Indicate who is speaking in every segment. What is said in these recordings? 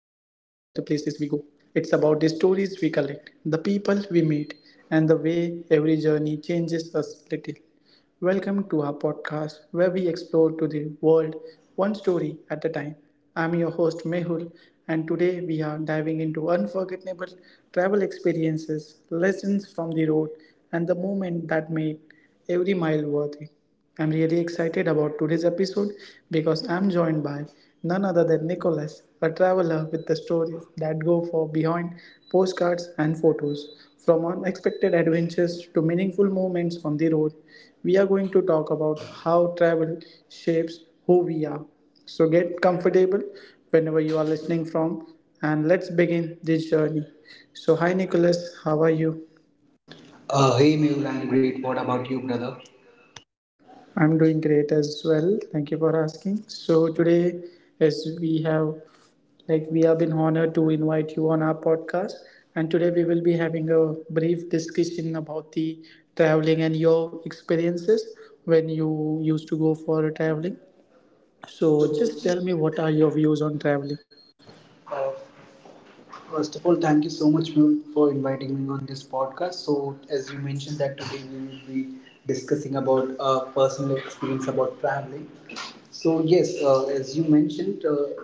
Speaker 1: places we go, it's about the stories we collect, the people we meet, and the way every journey changes us little. Welcome to our podcast where we explore to the world one story at a time. I'm your host Mehul, and today we are diving into unforgettable travel experiences, lessons from the road, and the moment that made every mile worth it. I'm really excited about today's episode because I'm joined by none other than Nicholas, a traveler with the stories that go for beyond postcards and photos. From unexpected adventures to meaningful moments on the road, we are going to talk about how travel shapes who we are. So get comfortable whenever you are listening from, and let's begin this journey. So, hi Nicholas, how are you?
Speaker 2: Hey Mehul, I'm great. What about you, brother?
Speaker 1: I'm doing great as well. Thank you for asking. So today, as we have, like we have been honored to invite you on our podcast, and today we will be having a brief discussion about the traveling and your experiences when you used to go for traveling. So just tell me, what are your views on traveling?
Speaker 2: Uh, first of all, thank you so much, Mehul, for inviting me on this podcast. So, as you mentioned that today we will be discussing about personal experience about traveling. So, yes, as you mentioned,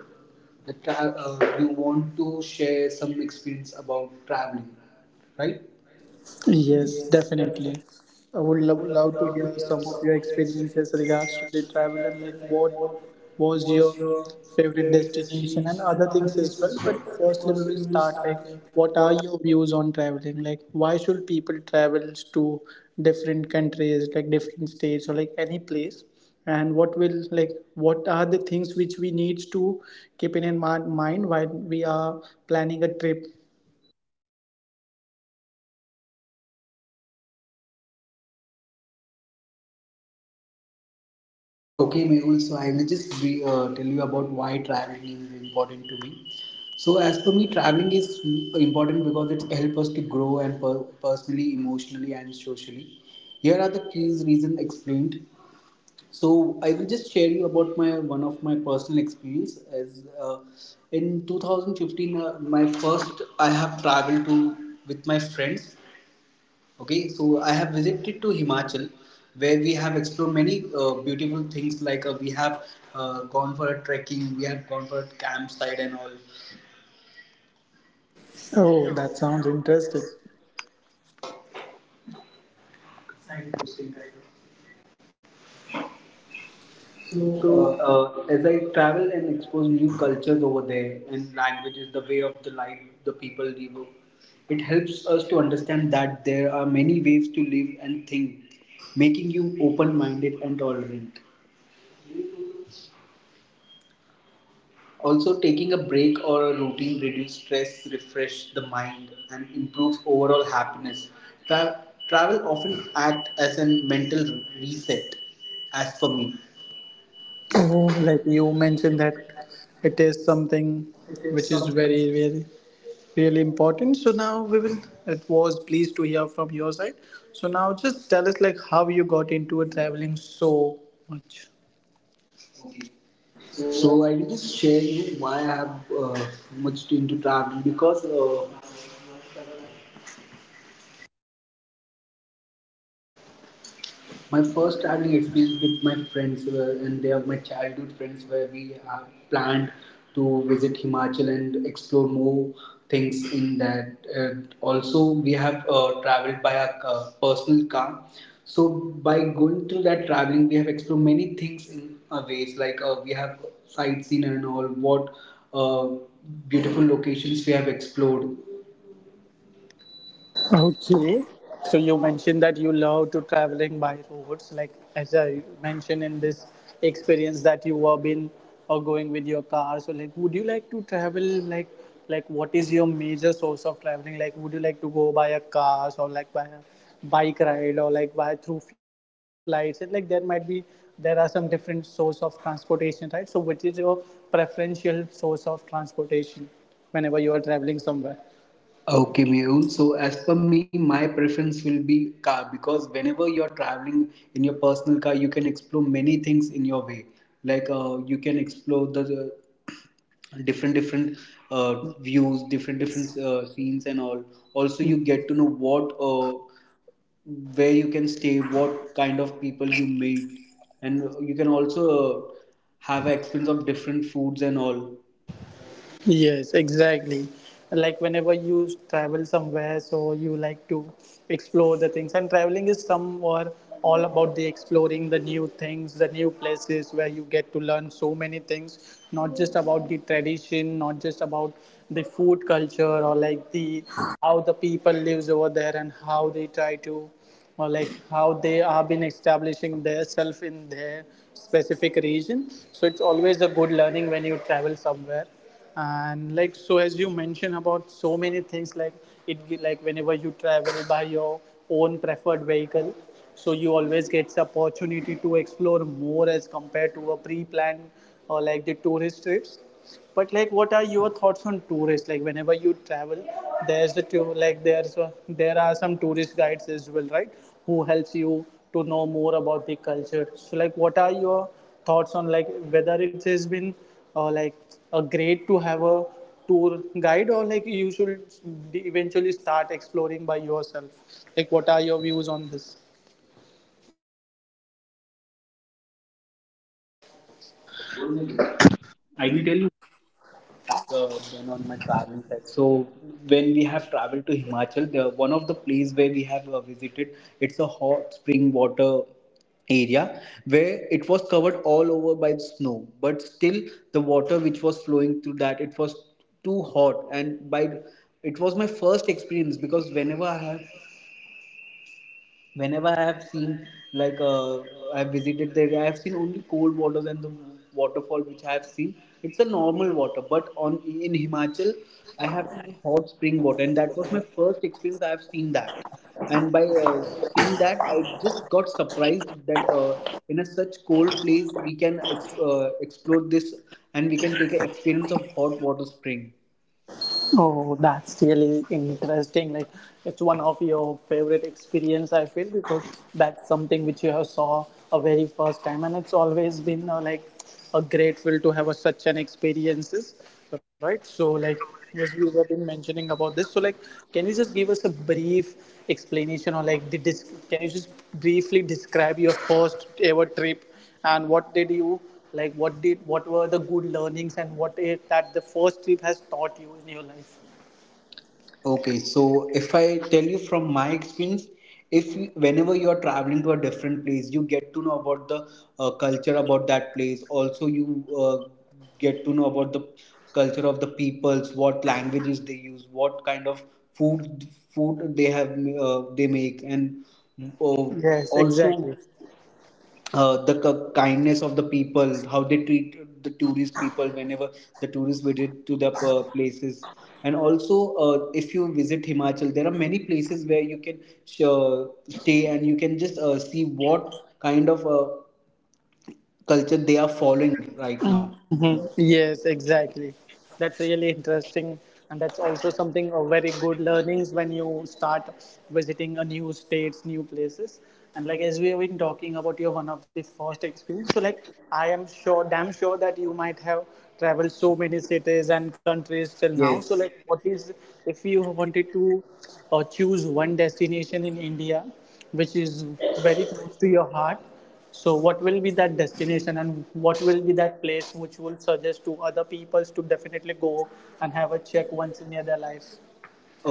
Speaker 2: you want to share some experience about traveling, right?
Speaker 1: Yes,
Speaker 2: Yes, definitely.
Speaker 1: definitely. I would
Speaker 2: I
Speaker 1: love,
Speaker 2: would love,
Speaker 1: love to
Speaker 2: love to
Speaker 1: hear
Speaker 2: hear
Speaker 1: some of
Speaker 2: some
Speaker 1: your
Speaker 2: of your
Speaker 1: experiences
Speaker 2: experiences in
Speaker 1: regards to
Speaker 2: regards
Speaker 1: the
Speaker 2: to the
Speaker 1: travel, and
Speaker 2: travel,
Speaker 1: like
Speaker 2: like
Speaker 1: what
Speaker 2: what
Speaker 1: was
Speaker 2: was
Speaker 1: your
Speaker 2: your
Speaker 1: favorite
Speaker 2: favorite
Speaker 1: destination and
Speaker 2: destination and
Speaker 1: other
Speaker 2: other
Speaker 1: things as
Speaker 2: things as
Speaker 1: well.
Speaker 2: well.
Speaker 1: But
Speaker 2: But
Speaker 1: firstly, we
Speaker 2: first,
Speaker 1: will
Speaker 2: we will
Speaker 1: start like
Speaker 2: start like
Speaker 1: what are
Speaker 2: what.
Speaker 1: your views on traveling? Like, why should people travel to different countries, like different states or like any place? And what will, like, what are the things which we need to keep in mind while we are planning a trip?
Speaker 2: Okay, Mehul, so I will just be, tell you about why traveling is important to me. So, as per me, traveling is important because it helps us to grow and personally, emotionally, and socially. Here are the key reasons explained. So I will just share you about my one of my personal experience as in 2015 my first I have traveled to with my friends. Okay, so I have visited to Himachal where we have explored many beautiful things like we have gone for a trekking, we have gone for a campsite and all.
Speaker 1: Oh, that sounds interesting.
Speaker 2: So, as I travel and expose new cultures over there and languages, the way of the life the people live, it helps us to understand that there are many ways to live and think, making you open minded and tolerant. Also, taking a break or a routine reduce stress, refresh the mind, and improves overall happiness. Travel often act as a mental reset, as for me.
Speaker 1: Oh, like you mentioned that it is
Speaker 2: It is
Speaker 1: something
Speaker 2: something.
Speaker 1: which is very, very, really important. So now we will. It was pleased to hear from your side. So now just tell us like how you got into traveling so much.
Speaker 2: So I will just share you why I have much into traveling because my first traveling experience with my friends were, and they are my childhood friends where we have planned to visit Himachal and explore more things in that. Also, we have traveled by a personal car. So by going through that traveling, we have explored many things in our ways. Like we have sightseeing and all what uh, beautiful locations we have explored.
Speaker 1: Okay. So you mentioned that you love to traveling by roads, like as I mentioned in this experience that you were been or going with your car. So like, would you like to travel like what is your major source of traveling? Like, would you like to go by a car or like by a bike ride or like by through flights? And like there might be there are some different source of transportation, right? So which is your preferential source of transportation whenever you are traveling somewhere?
Speaker 2: Okay, Mehul. So as per me, my preference will be car because whenever you're traveling in your personal car, you can explore many things in your way. Like you can explore the different views, different scenes and all. Also, you get to know what where you can stay, what kind of people you meet, and you can also uh, have an experience of different foods and all.
Speaker 1: Yes, exactly. Like whenever you travel somewhere, so you like to explore the things, and traveling is some or all about the exploring the new things, the new places where you get to learn so many things, not just about the tradition, not just about the food culture, or like the how the people lives over there and how they try to, or like how they have been establishing their self in their specific region. So it's always a good learning when you travel somewhere, and like so as you mentioned about so many things like like whenever you travel by your own preferred vehicle, so you always get the opportunity to explore more as compared to a pre-planned or like the tourist trips. But like what are your thoughts on tourists? Like whenever you travel, there's the tour like there are some tourist guides as well, right, who helps you to know more about the culture? So like what are your thoughts on like whether it has been like a great to have a tour guide, or like you should eventually start exploring by yourself? Like, what are your views on this?
Speaker 2: I will tell uh, done on my traveling side. So when we have traveled to Himachal, the one of the place where we have visited, it's a hot spring water area where it was covered all over by snow, but still the water which was flowing through that it was too hot and by it was my first experience because whenever I have seen like I have visited the area, I have seen only cold waters and the waterfall which I have seen. It's a normal water, but on in Himachal, I have seen hot spring water, and that was my first experience. I have seen that, and by seeing that, I just got surprised that in a such cold place we can explore this, and we can take an experience of hot water spring.
Speaker 1: Oh, that's really interesting. Like, it's one of your favorite experience, I feel, because that's something which you have saw a very first time, and it's always been like a grateful to have a, such an experiences, right? So, like, as you have been mentioning about this, so like, can you just give us a brief explanation, or like can you just briefly describe your first ever trip? And what did you like what were the good learnings, and what is that the first trip has taught you in your life?
Speaker 2: Okay, so if I tell you from my experience, if you- whenever you are traveling to a different place, you get to know about the culture about that place. Also, you get to know about the culture of the peoples, what languages they use, what kind of food food they have they make, and uh,
Speaker 1: Yes,
Speaker 2: also
Speaker 1: exactly.
Speaker 2: the kindness of the people, how they treat the tourist people whenever the tourists visit to the places. And also, if you visit Himachal, there are many places where you can stay and you can just see what kind of culture they are following right now.
Speaker 1: Yes, exactly. That's really interesting, and that's also something of very good learnings when you start visiting a new states, new places. And like as we have been talking about your one of the first experience, so like I am sure, damn sure that you might have traveled so many cities and countries till now. So
Speaker 2: Yes.
Speaker 1: like, what is if you wanted to choose one destination in India which is very close to your heart? So, what will be that destination, and what will be that place which will suggest to other people to definitely go and have a check once in their life?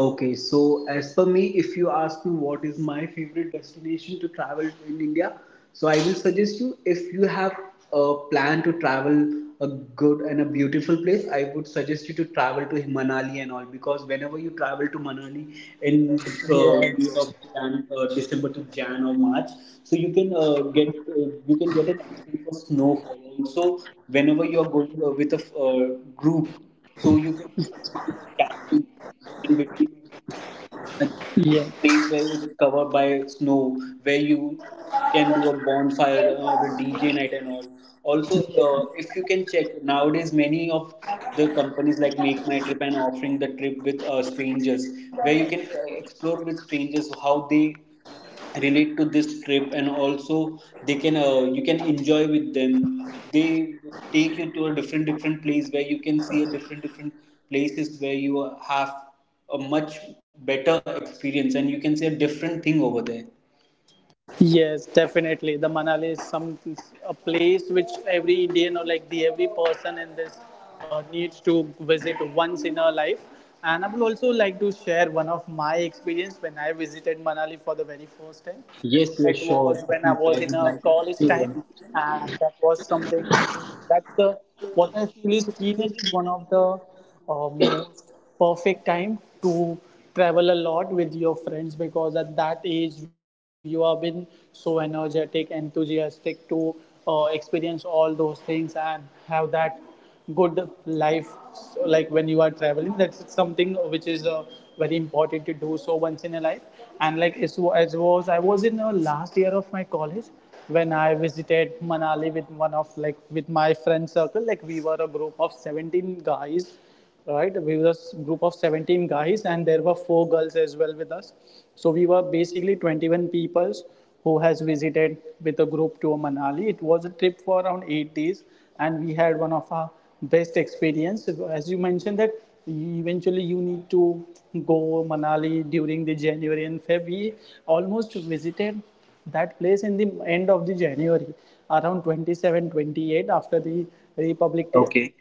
Speaker 2: Okay, so as per me, if you ask me what is my favorite destination to travel in India, so I will suggest you if you have a plan to travel a good and a beautiful place, I would suggest you to travel to Manali and all because whenever you travel to Manali in the period
Speaker 1: Yes,
Speaker 2: of Jan, December to Jan or March, so you can get you can get an experience of snowfall. Also, whenever you are going with a group, so you can just experience camping in between a
Speaker 1: yes,
Speaker 2: place where it's covered by snow, where you can do a bonfire with DJ night and all. Also, if you can check nowadays, many of the companies like Make My Trip and offering the trip with strangers, where you can explore with strangers how they relate to this trip and also they can you can enjoy with them they take you to a different place where you can see a different places where you have a much better experience and you can see a different thing over there.
Speaker 1: yes, definitely. The Manali is some a place which every Indian or like the every person in this needs to visit once in her life. And I would also like to share one of my experience when I visited Manali for the very first time.
Speaker 2: Yes,
Speaker 1: It
Speaker 2: yes,
Speaker 1: was
Speaker 2: sure.
Speaker 1: when I was
Speaker 2: Definitely.
Speaker 1: in
Speaker 2: I
Speaker 1: a
Speaker 2: would like
Speaker 1: college time,
Speaker 2: to.
Speaker 1: and that was something. That's the what I feel is teenage is one of the most perfect time to travel a lot with your friends, because at that age you have been so energetic, enthusiastic to experience all those things and have that good life. So like when you are traveling, that's something which is very important to do so once in a life. And like as was I was in the last year of my college when I visited Manali with one of like with my friend circle, like we were a group of 17 guys. Right? We were a group of 17 guys, and there were four girls as well with us. So we were basically 21 people who has visited with a group to Manali. It was a trip for around 8 days, and we had one of our best experience. As you mentioned that eventually you need to go Manali during the January and February. We almost visited that place in the end of the January, around 27, 28, after the Republic Day.
Speaker 2: Okay.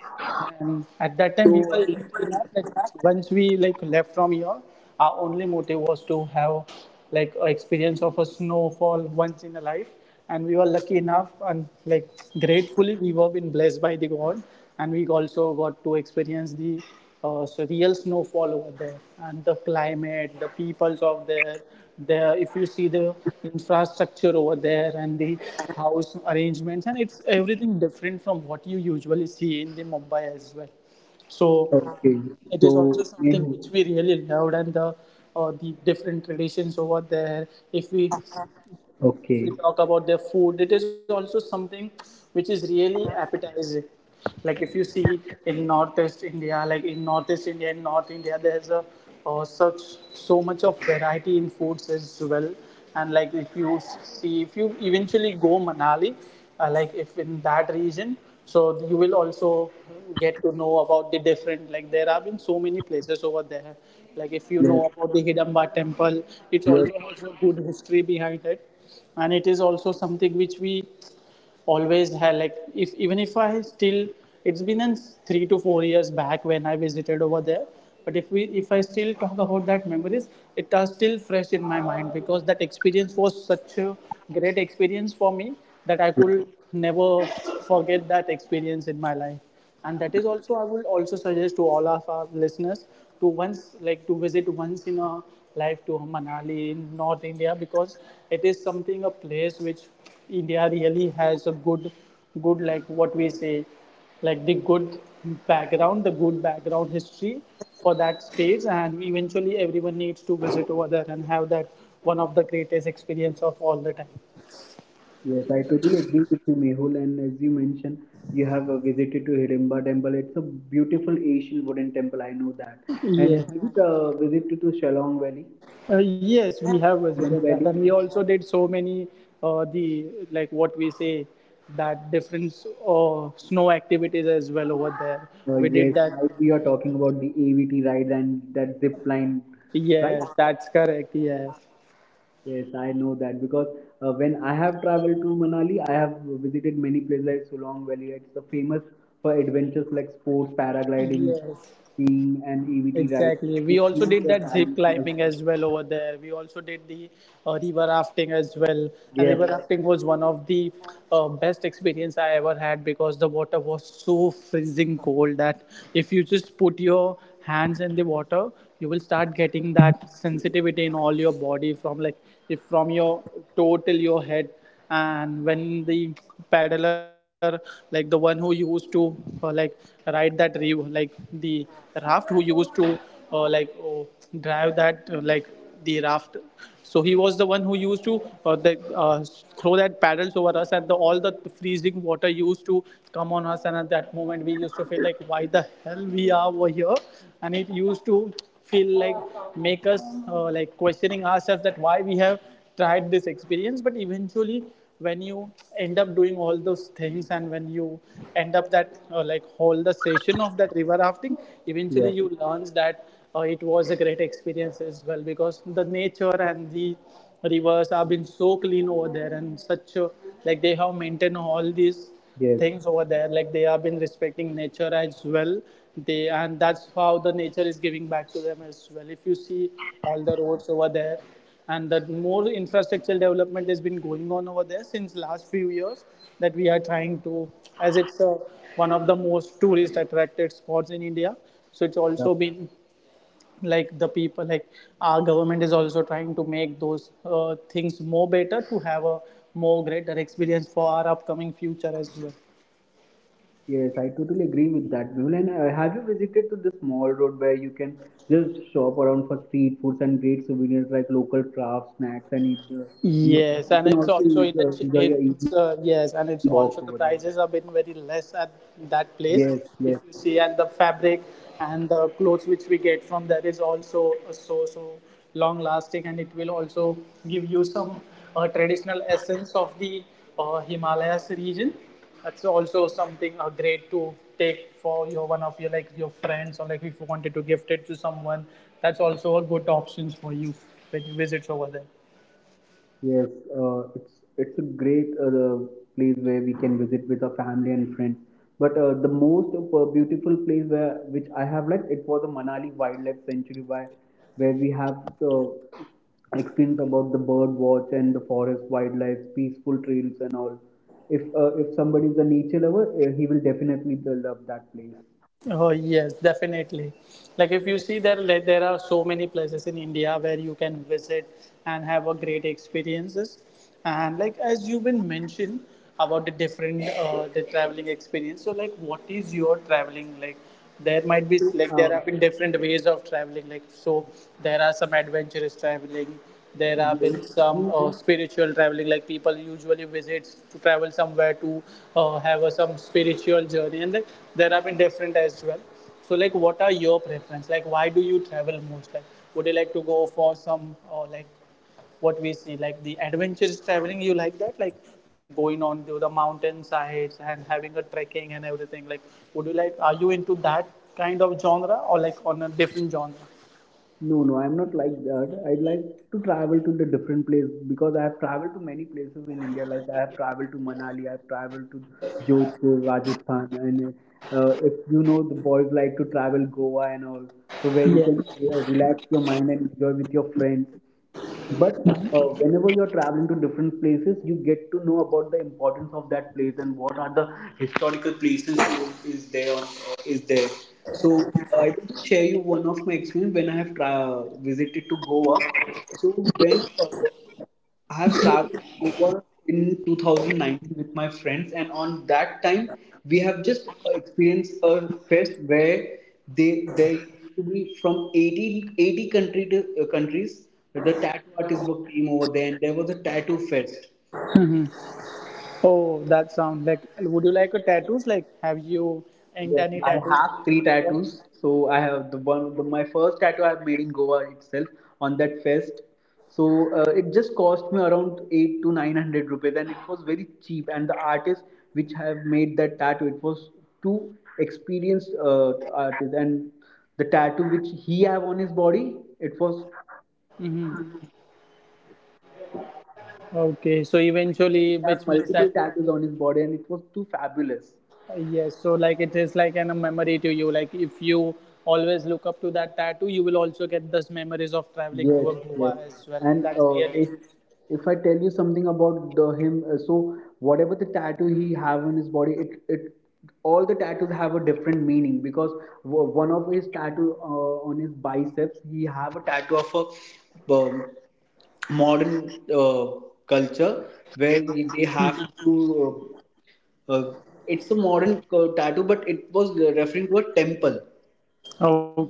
Speaker 1: And at that time, we were lucky enough that once we like left from here, our only motive was to have like a experience of a snowfall once in a life. And we were lucky enough, and like gratefully we were been blessed by the God, and we also got to experience the so real snowfall over there. And the climate, the peoples of there if you see the infrastructure over there and the house arrangements, and it's everything different from what you usually see in the Mumbai as well. So
Speaker 2: Okay.
Speaker 1: it
Speaker 2: So,
Speaker 1: is also something
Speaker 2: Mehu,
Speaker 1: which we really loved. And the different traditions over there, if we if
Speaker 2: okay.
Speaker 1: we talk about their food, it is also something which is really appetizing. Like if you see in northeast India, like in northeast India, in North India, there's a such so much of variety in foods as well. And like if you see, if you eventually go Manali, like if in that region, so you will also get to know about the different. Like there have been so many places over there, like if you know about the Hidamba Temple, it also has a good history behind it, and it is also something which we always had. Like if even if I still, it's been in 3 to 4 years back when I visited over there. But if I still talk about that memories, it are still fresh in my mind, because that experience was such a great experience for me that I could never forget that experience in my life. And that is also, I would also suggest to all of our listeners to once like to visit once in a life to Manali in North India, because it is something a place which India really has a good like what we say, like the good background history for that stage, and eventually everyone needs to visit over there and have that one of the greatest experience of all the time.
Speaker 2: Yes, I totally agree with you, Mehul. And as you mentioned, you have visited to Hidimba Temple. It's a beautiful Asian wooden temple. I know that. And
Speaker 1: Yeah,
Speaker 2: have you visited to Shillong Valley?
Speaker 1: Yes, we have
Speaker 2: Shalong
Speaker 1: visited that,
Speaker 2: Valley.
Speaker 1: and we also did so many the like what we say that different snow activities as well over there.
Speaker 2: Uh,
Speaker 1: We did
Speaker 2: yes, now
Speaker 1: that.
Speaker 2: we are talking about the AVT ride and that zip line, right?
Speaker 1: Yes, that's correct. Yes,
Speaker 2: Yes, I know that because when I have traveled to Manali, I have visited many places like Shalong Valley. It's a famous for adventures like sports, paragliding,
Speaker 1: yes,
Speaker 2: skiing, and AVT ride.
Speaker 1: exactly.
Speaker 2: You
Speaker 1: We
Speaker 2: see
Speaker 1: also did
Speaker 2: the
Speaker 1: that zip
Speaker 2: valley.
Speaker 1: climbing as well over there. We also did the river rafting as well. And river
Speaker 2: Yep,
Speaker 1: rafting was one of the best experience I ever had, because the water was so freezing cold that if you just put your hands in the water, you will start getting that sensitivity in all your body, from like if from your toe till your head. And when the paddler, like the one who used to like ride that reeve, like the raft who used to uh, like uh, drive that like the raft, so he was the one who used to throw that paddles over us, and all the freezing water used to come on us. And at that moment we used to feel like, why the hell we are over here, and it used to feel like, make us like questioning ourselves that why we have tried this experience. But eventually, when you end up doing all those things, and when you end up that like whole the session of that river rafting, eventually
Speaker 2: yep,
Speaker 1: you learn that it was a great experience as well, because the nature and the rivers have been so clean over there, and such like they have maintained all these
Speaker 2: yes,
Speaker 1: things over there, like they have been respecting nature as well, they, and that's how the nature is giving back to them as well. If you see all the roads over there, and that more infrastructure development has been going on over there since last few years, that we are trying to, as it's one of the most tourist attracted spots in India. So it's
Speaker 2: yep,
Speaker 1: also been like the people like our government is also trying to make those things more better, to have a more greater experience for our upcoming future as well.
Speaker 2: yes. I totally agree with that, Mehul. And have you visited to the small road where you can just shop around for street foods and great souvenirs like local crafts, snacks, and eat? And
Speaker 1: Yes,
Speaker 2: you
Speaker 1: and
Speaker 2: can
Speaker 1: it's
Speaker 2: also
Speaker 1: also in
Speaker 2: eat,
Speaker 1: a ch-
Speaker 2: enjoy
Speaker 1: it,
Speaker 2: your evening walks over there.
Speaker 1: and it's also the prices have been very less at
Speaker 2: Yes,
Speaker 1: that
Speaker 2: yes,
Speaker 1: place. If you see, and the fabric and the clothes which we get from there is also so long lasting, and it will also give you some traditional essence of the Himalayas region. That's also something great to take for your one of your like your friends, or like if you wanted to gift it to someone. That's also a good options for you when you visit over there.
Speaker 2: yes, it's a great the place where we can visit with our family and friends. But the most beautiful place where which I have liked it was the Manali Wildlife Sanctuary, where we have the experience about the bird watch and the forest wildlife, peaceful trails and all. If somebody is a nature lover, he will definitely love that place.
Speaker 1: Oh yes, definitely. Like if you see there, like, there are so many places in India where you can visit and have a great experiences. And like as you've been mentioned about the different the traveling experience. So like, what is your traveling like? There might be
Speaker 2: So,
Speaker 1: like there have been different ways of traveling like, so there are some adventurous traveling, there have been
Speaker 2: yes, you.
Speaker 1: some spiritual traveling, like people usually visit to travel somewhere to have a, some spiritual journey, and like, there have been different as well. So like, what are your preference, like why do you travel most, like would you like to go for some, or like what we see, like the adventurous traveling you like that, like going on to the mountain sides and having a trekking and everything, like would you like, are you into that kind of genre or like on a different genre?
Speaker 2: No, no, I'm not like that. I'd like to travel to the different place because I have traveled to many places in India. Like I have traveled to Manali, I've traveled to Jodhpur, Rajasthan, and if you know the boys like to travel Goa and all, so where you can relax your mind and enjoy with your friends but whenever you're traveling to different places you get to know about the importance of that place and what are the historical places is there on, is there so I will just share you one of my experience when I have visited to goa so when I have traveled to Goa in 2019 with my friends, and on that time we have just experienced a fest where they they used to be from eighty country to, countries. The tattoo artists were came over there, and there was a tattoo fest.
Speaker 1: Oh, that sound like, would you like a tattoos, like have you inked
Speaker 2: Yes,
Speaker 1: any
Speaker 2: I
Speaker 1: tattoos on
Speaker 2: have
Speaker 1: your
Speaker 2: three
Speaker 1: body?
Speaker 2: tattoos. So I have the one, the, my first tattoo I have made in Goa itself on that fest. So it just cost me around eight to nine hundred rupees, and it was very cheap. And the artist which have made that tattoo, it was two experienced artists, and the tattoo which he have on his body, it was
Speaker 1: Hmm, okay, so
Speaker 2: he
Speaker 1: eventually
Speaker 2: have
Speaker 1: which means
Speaker 2: multiple
Speaker 1: that
Speaker 2: tattoos on his body, and it was too fabulous.
Speaker 1: yes, so like it is like a memory to you, like if you always look up to that tattoo, you will also get those memories of traveling
Speaker 2: Yes,
Speaker 1: to a Goa
Speaker 2: yes.
Speaker 1: as well, and
Speaker 2: And
Speaker 1: that's really
Speaker 2: if I tell you something about the him, so whatever the tattoo he have on his body, it all the tattoos have a different meaning because one of his tattoo on his biceps, he have a tattoo of a modern culture where they have to. Uh, uh, it's a modern tattoo, but it was referring to a temple.
Speaker 1: Okay.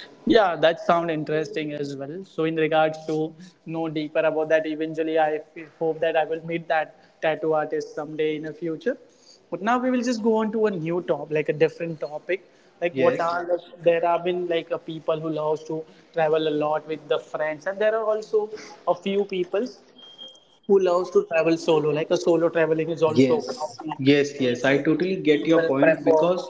Speaker 1: Yeah, that sound interesting as well. So in regards to know deeper about that, eventually I hope that I will meet that tattoo artist someday in the future. But now we will just go on to a new top, like a different topic. Like what
Speaker 2: Yes.
Speaker 1: are the, there have been like a people who loves to travel a lot with the friends, and there are also a few people who loves to travel solo. Like a solo traveling is also one of
Speaker 2: Yes,
Speaker 1: the
Speaker 2: yes, yes. I
Speaker 1: major
Speaker 2: totally get your
Speaker 1: people
Speaker 2: point
Speaker 1: prefer.
Speaker 2: because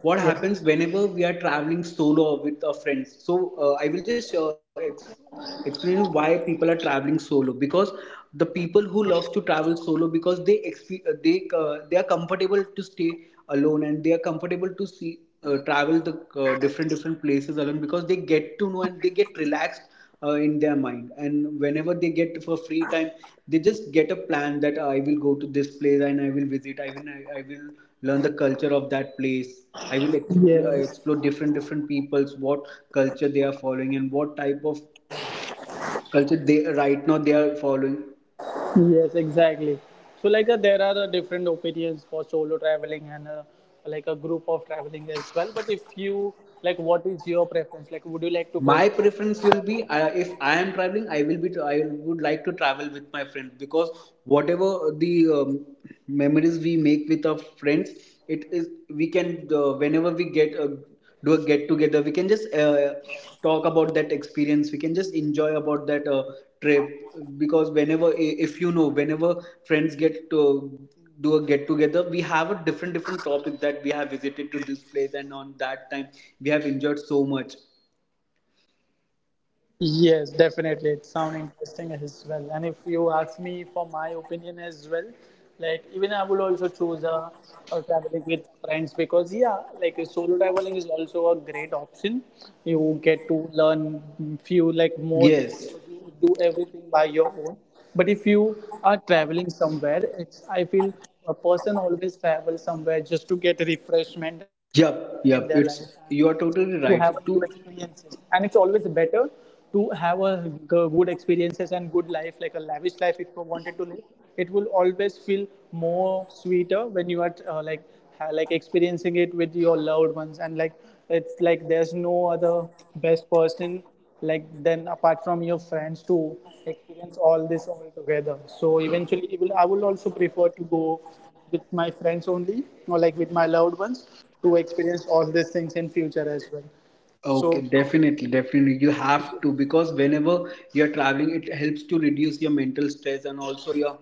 Speaker 2: what
Speaker 1: Yeah.
Speaker 2: happens whenever we are traveling solo with our friends. So I will just explain you why people are traveling solo because the people who loves to travel solo because they exp- they are comfortable to stay alone, and they are comfortable to see travel the different different places alone because they get to know and they get relaxed in their mind. And whenever they get for free time, they just get a plan that I will go to this place, and I will visit, I will learn the culture of that place. I will explore,
Speaker 1: Yes.
Speaker 2: explore different different peoples what culture they are following, and what type of culture they right now they are following.
Speaker 1: Yes, exactly. So like there are different opinions for solo traveling and like a group of traveling as well. But if you like, what is your preference? Like, would you like to go
Speaker 2: My
Speaker 1: for a solo
Speaker 2: preference will be,
Speaker 1: traveling, or
Speaker 2: if I
Speaker 1: group?
Speaker 2: am traveling, I will be I would like to travel with my friends because whatever the memories we make with our friends, it is we can, whenever we get do a get together, we can just talk about that experience. We can just enjoy about that trip because whenever, if you know, whenever friends get to do a get together, we have a different different topic that we have visited to this place, and on that time we have enjoyed so much.
Speaker 1: Yes, definitely. It sounds interesting as well. And if you ask me for my opinion as well, like even I would also choose a traveling with friends, because yeah, like a solo traveling is also a great option. You get to learn few like more things,
Speaker 2: Yes.
Speaker 1: because you do everything by your own. But if you are traveling somewhere, it's I feel a person always travels somewhere just to get refreshment in their life,
Speaker 2: Yep. Yep. It's
Speaker 1: to
Speaker 2: you are
Speaker 1: have a new
Speaker 2: totally right. To
Speaker 1: experiences, and it's always better to have a good experiences and good life, like a lavish life if you wanted to live, it will always feel more sweeter when you are like like experiencing it with your loved ones, and like it's like there's no other best person like then apart from your friends, to experience all this all together. So eventually, it will, I will also prefer to go with my friends only, or like with my loved ones, to experience all these things in future as well. So
Speaker 2: Okay, definitely, definitely, you have to. Because whenever you're traveling, it helps to reduce your mental stress and also your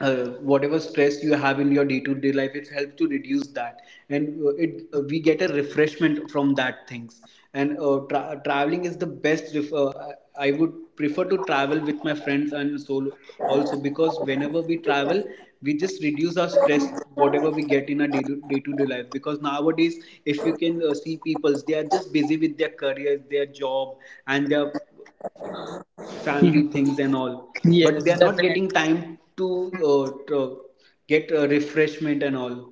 Speaker 2: whatever stress you have in your day-to-day life. It helps to reduce that, and it we get a refreshment from that things. And traveling is the best. I would prefer to travel with my friends and solo also because whenever we travel we just reduce our stress whatever we get in our day to day life, because nowadays if you can see people, they are just busy with their careers, their job, and their family things and all. But they
Speaker 1: yes,
Speaker 2: are not
Speaker 1: definitely.
Speaker 2: getting time to, uh, to get refreshment and all.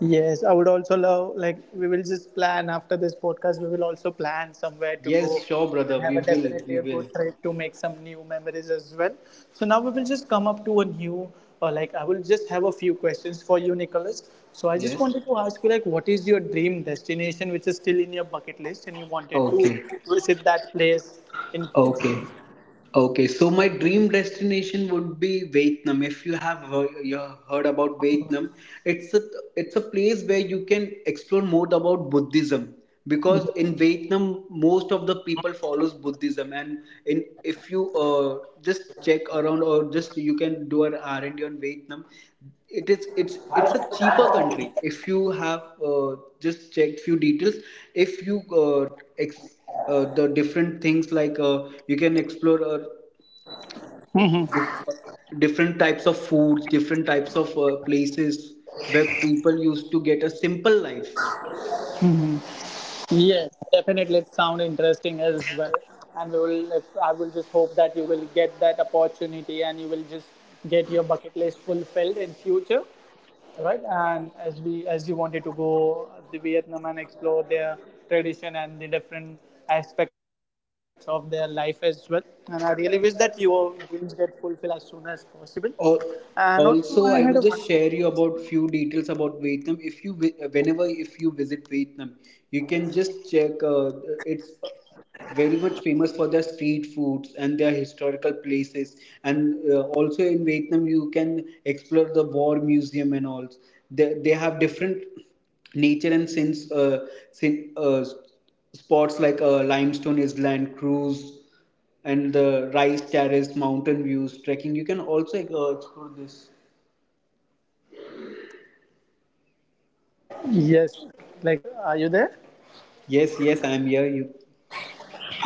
Speaker 1: Yes, I would also love, like, we will just plan after this podcast, we will also plan somewhere to go
Speaker 2: Yes, sure brother,
Speaker 1: and have
Speaker 2: we
Speaker 1: a
Speaker 2: will
Speaker 1: definitely
Speaker 2: we
Speaker 1: a
Speaker 2: will
Speaker 1: good trip to make some new memories as well. So now we will just come up to a new, or like, I will just have a few questions for you, Nicholas. So I just
Speaker 2: Yes.
Speaker 1: wanted to ask you, like, what is your dream destination which is still in your bucket list, and you wanted to
Speaker 2: Okay,
Speaker 1: visit that place in future?
Speaker 2: okay. Okay, so my dream destination would be Vietnam. If you have heard, you have heard about Vietnam, it's a it's a place where you can explore more about Buddhism because in Vietnam most of the people follows Buddhism. And in if you just check around, or just you can do an R&D on Vietnam, it is it's a cheaper country. If you have just checked few details, if you the different things, like you can explore different types of foods, different types of places where people used to get a simple life.
Speaker 1: Yes, definitely. It sound interesting as well, and we will. I will just hope that you will get that opportunity, and you will just get your bucket list fulfilled in future, right? And as we, as you wanted to go to Vietnam and explore their tradition and the different aspects of their life as well. And I really wish that your dreams get fulfilled as soon as possible.
Speaker 2: Al-
Speaker 1: And also, I had a
Speaker 2: Also,
Speaker 1: one
Speaker 2: I
Speaker 1: more.
Speaker 2: will just share you about few details about Vietnam. If you vi- Whenever if you visit Vietnam, you can just check. It's very much famous for their street foods and their historical places. And also in Vietnam, you can explore the war museum and all. They have different nature, and sin, uh, spots like limestone island cruise and the rice terrace, mountain views, trekking. You can also explore this.
Speaker 1: Yes, like, are you there?
Speaker 2: Yes, yes, I'm here. You.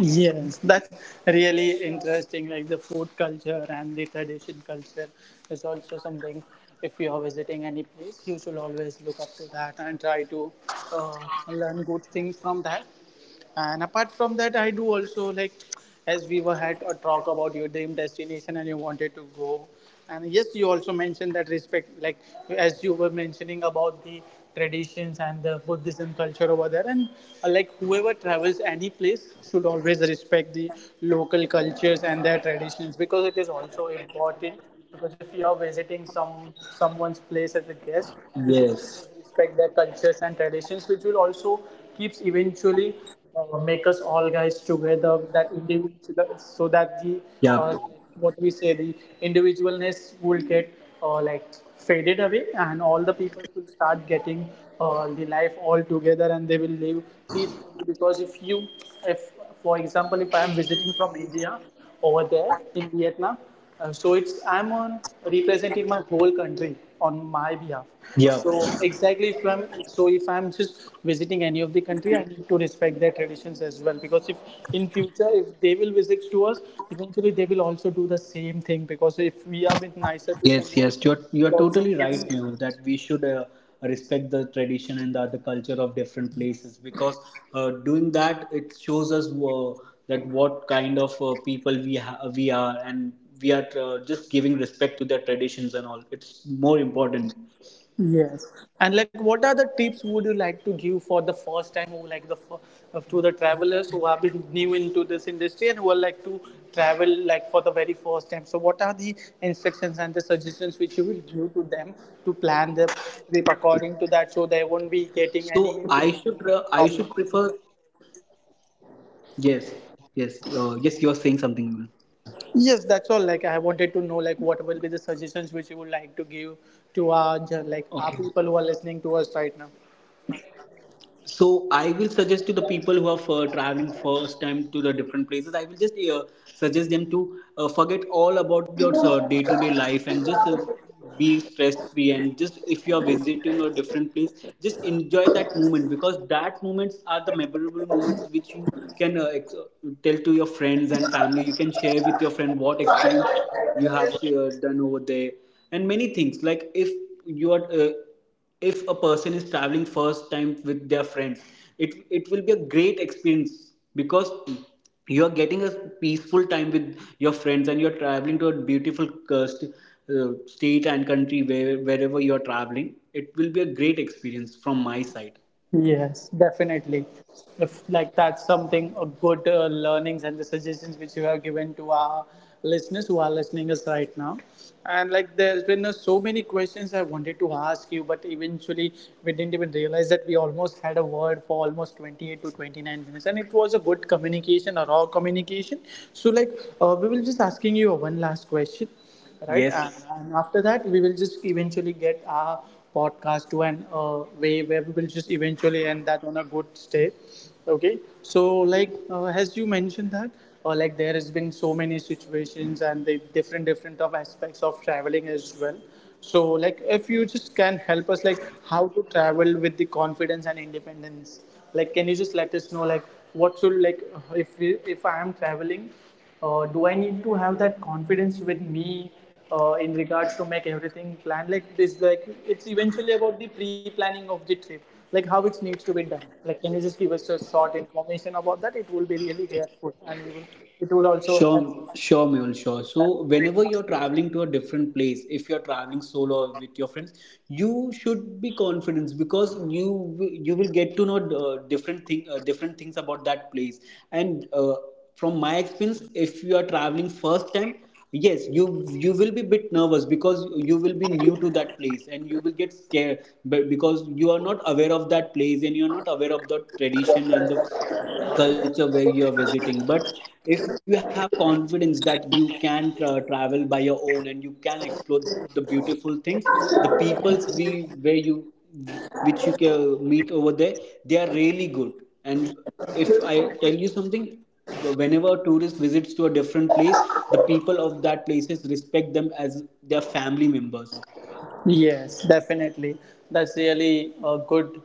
Speaker 1: Yes, that's really interesting. Like the food culture and the tradition culture is also something. If you are visiting any place, you should always look up to that and try to learn good things from that. And apart from that, I do also like, as we were had a talk about your dream destination and you wanted to go, and yes you also mentioned that respect, like as you were mentioning about the traditions and the Buddhism culture over there, and like whoever travels any place should always respect the local cultures and their traditions,
Speaker 2: Yes.
Speaker 1: because it is also important, because if you are visiting some someone's place as a guest, you should always respect their cultures and traditions, which will also
Speaker 2: Yep.
Speaker 1: keeps eventually make us all guys together. That individual, so that the uh, what we say the individualness will get like faded away, and all the people will start getting the life all together, and they will live peacefully. Because if you, if for example, if I am visiting from India over there in Vietnam. So it's I'm on representing my whole country on my
Speaker 2: Yep.
Speaker 1: behalf. So exactly from so if I'm just visiting any of the country, I need to respect their traditions as well, because if in future if they will visit to us, eventually they will also do the same thing, because if we are bit nicer to
Speaker 2: Yes,
Speaker 1: someone,
Speaker 2: yes. You're
Speaker 1: they
Speaker 2: you're
Speaker 1: will also
Speaker 2: totally
Speaker 1: be the
Speaker 2: right,
Speaker 1: same.
Speaker 2: Mehu, that we should respect the tradition and the other culture of different places because doing that, it shows us that what kind of people we are, and we are just giving respect to their traditions and all. It's more important.
Speaker 1: Yes. And like, what are the tips would you like to give for the first time, or like the to the travelers who have been new into this industry and who are like to travel like for the very first time? So, what are the instructions and the suggestions which you will give to them, to plan their
Speaker 2: So
Speaker 1: trip according to
Speaker 2: I
Speaker 1: that,
Speaker 2: should
Speaker 1: so they won't
Speaker 2: prefer.
Speaker 1: be getting any problem?
Speaker 2: Yes, yes, yes. You are saying something, Mehul.
Speaker 1: Yes, that's all. Like, I wanted to know like what will be the suggestions which you would like to give to our
Speaker 2: Okay.
Speaker 1: like our people who are listening to us right now.
Speaker 2: So I will suggest to the people who are for traveling first time to the different places, I will just suggest them to forget all about your day-to-day life, and just be stress-free. And just if you are visiting a different place, just enjoy that moment because that moments are the memorable moments which you can tell to your friends and family. You can share with your friend what experience you have done over there, and many things. Like if you are if a person is traveling first time with their friends, it will be a great experience because you are getting a peaceful time with your friends, and you're traveling to a beautiful uh, st- state and country where, wherever you're traveling, it will be a great experience from my side.
Speaker 1: Yes, definitely. If like, that's something a good learnings and the suggestions which you have given to our listeners who are listening us right now, and like there's been so many questions I wanted to ask you, but eventually we didn't even realize that we almost had a word for almost 28 to 29 minutes, and it was a good communication, a raw communication. So like we will just asking you one last question, right? And,
Speaker 2: Yes.
Speaker 1: and after that, we will just eventually get our podcast to an way where we will just eventually end that on a good stay. Okay. So, like as you mentioned that, like there has been so many situations and the different different of aspects of traveling as well. So, like if you just can help us, like how to travel with the confidence and independence. Like, can you just let us know, like what should like if we, if I am traveling do I need to have that confidence with me in regards to make everything plan like this? Like it's eventually about the pre-planning of the trip, like how it needs to be done. Like can you just give us a short information about that? It will be really helpful, and we will, it will also help
Speaker 2: Sure,
Speaker 1: us
Speaker 2: sure,
Speaker 1: to
Speaker 2: Mule, sure.
Speaker 1: plan
Speaker 2: So
Speaker 1: the trip.
Speaker 2: whenever you're traveling to a different place, if you're traveling solo or with your friends, you should be confident because you will get to know different things about that place. And from my experience, if you are traveling first time, yes, you will be bit nervous because you will be new to that place and you will get scared. But because you are not aware of that place and you are not aware of the tradition and the culture where you're visiting, but if you have confidence that you can travel by your own and you can explore the beautiful things, the peoples we where you which you can meet over there, they are really good. And if I tell you something, whenever a tourist visits to a different place, the people of that places respect them as their family members.
Speaker 1: Yes, definitely. That's really a good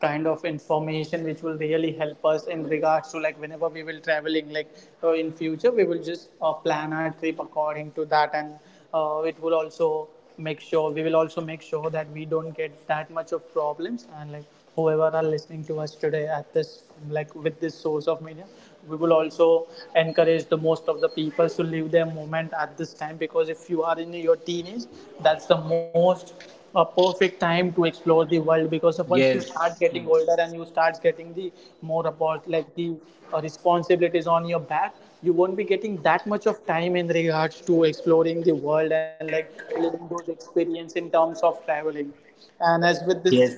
Speaker 1: kind of information which will really help us in regards to, like whenever we will traveling, like in future we will just plan our trip according to that, and it will also make sure, we will also make sure that we don't get that much of problems, and like whoever are listening to us today at this, like with this source of media, we will also encourage the most of the people to live their moment at this time, because if you are in your teenage, that's the most a perfect time to explore the world, because of once you start
Speaker 2: Yes,
Speaker 1: getting older and
Speaker 2: yes,
Speaker 1: you start getting the more about like the responsibilities on your back, you won't be getting that much of time in regards to exploring the world, and like living those experience in terms of traveling, and as with this,
Speaker 2: yes,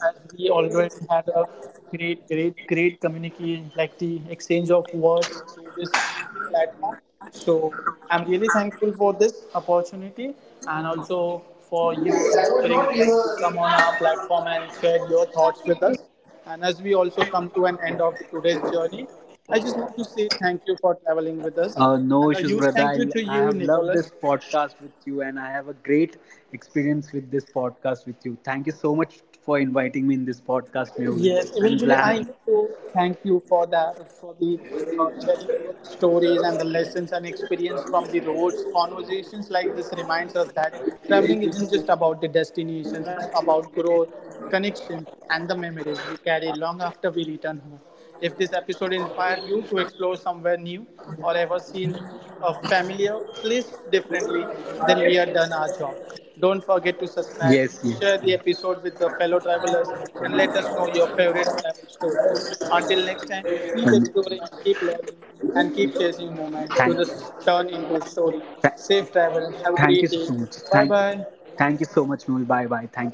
Speaker 1: as we already had a great, great, great communication, like the exchange of words through this platform. So I'm really thankful for this opportunity, and also for you to bring, like, to come on our platform and share your thoughts with us. And as we also come to an end of today's journey, I just want to say thank you for traveling with us.
Speaker 2: No
Speaker 1: And a
Speaker 2: issues,
Speaker 1: huge
Speaker 2: brother.
Speaker 1: thank you to
Speaker 2: I
Speaker 1: you,
Speaker 2: have loved
Speaker 1: Nicholas,
Speaker 2: this podcast with you, and I have a great experience with this podcast with you. Thank you so much for inviting me in this podcast, Mehul.
Speaker 1: yes,
Speaker 2: I'm
Speaker 1: eventually I
Speaker 2: glad.
Speaker 1: need to thank you for that, for the sharing your stories and the lessons and experience from the roads. Conversations like this reminds us that traveling isn't just about the destinations; it's about growth, connection, and the memories we carry long after we return home. If this episode inspired you to explore somewhere new, or ever seen a familiar place differently, then we have done our job. Don't
Speaker 2: Yes,
Speaker 1: forget to
Speaker 2: yes.
Speaker 1: subscribe, share the episode with the fellow travelers, and let us know your favorite travel story. Until next
Speaker 2: And
Speaker 1: time, keep exploring, keep learning, and keep
Speaker 2: thank,
Speaker 1: chasing moments to this turn into
Speaker 2: tha-
Speaker 1: story. Safe
Speaker 2: thank you
Speaker 1: travel.
Speaker 2: so
Speaker 1: Have a
Speaker 2: much.
Speaker 1: great day.
Speaker 2: Thank you.
Speaker 1: Bye
Speaker 2: Thank
Speaker 1: bye.
Speaker 2: you so much, Mehul. Bye bye. Thank you so much.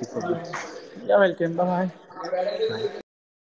Speaker 1: You're welcome. Bye bye.
Speaker 2: Bye.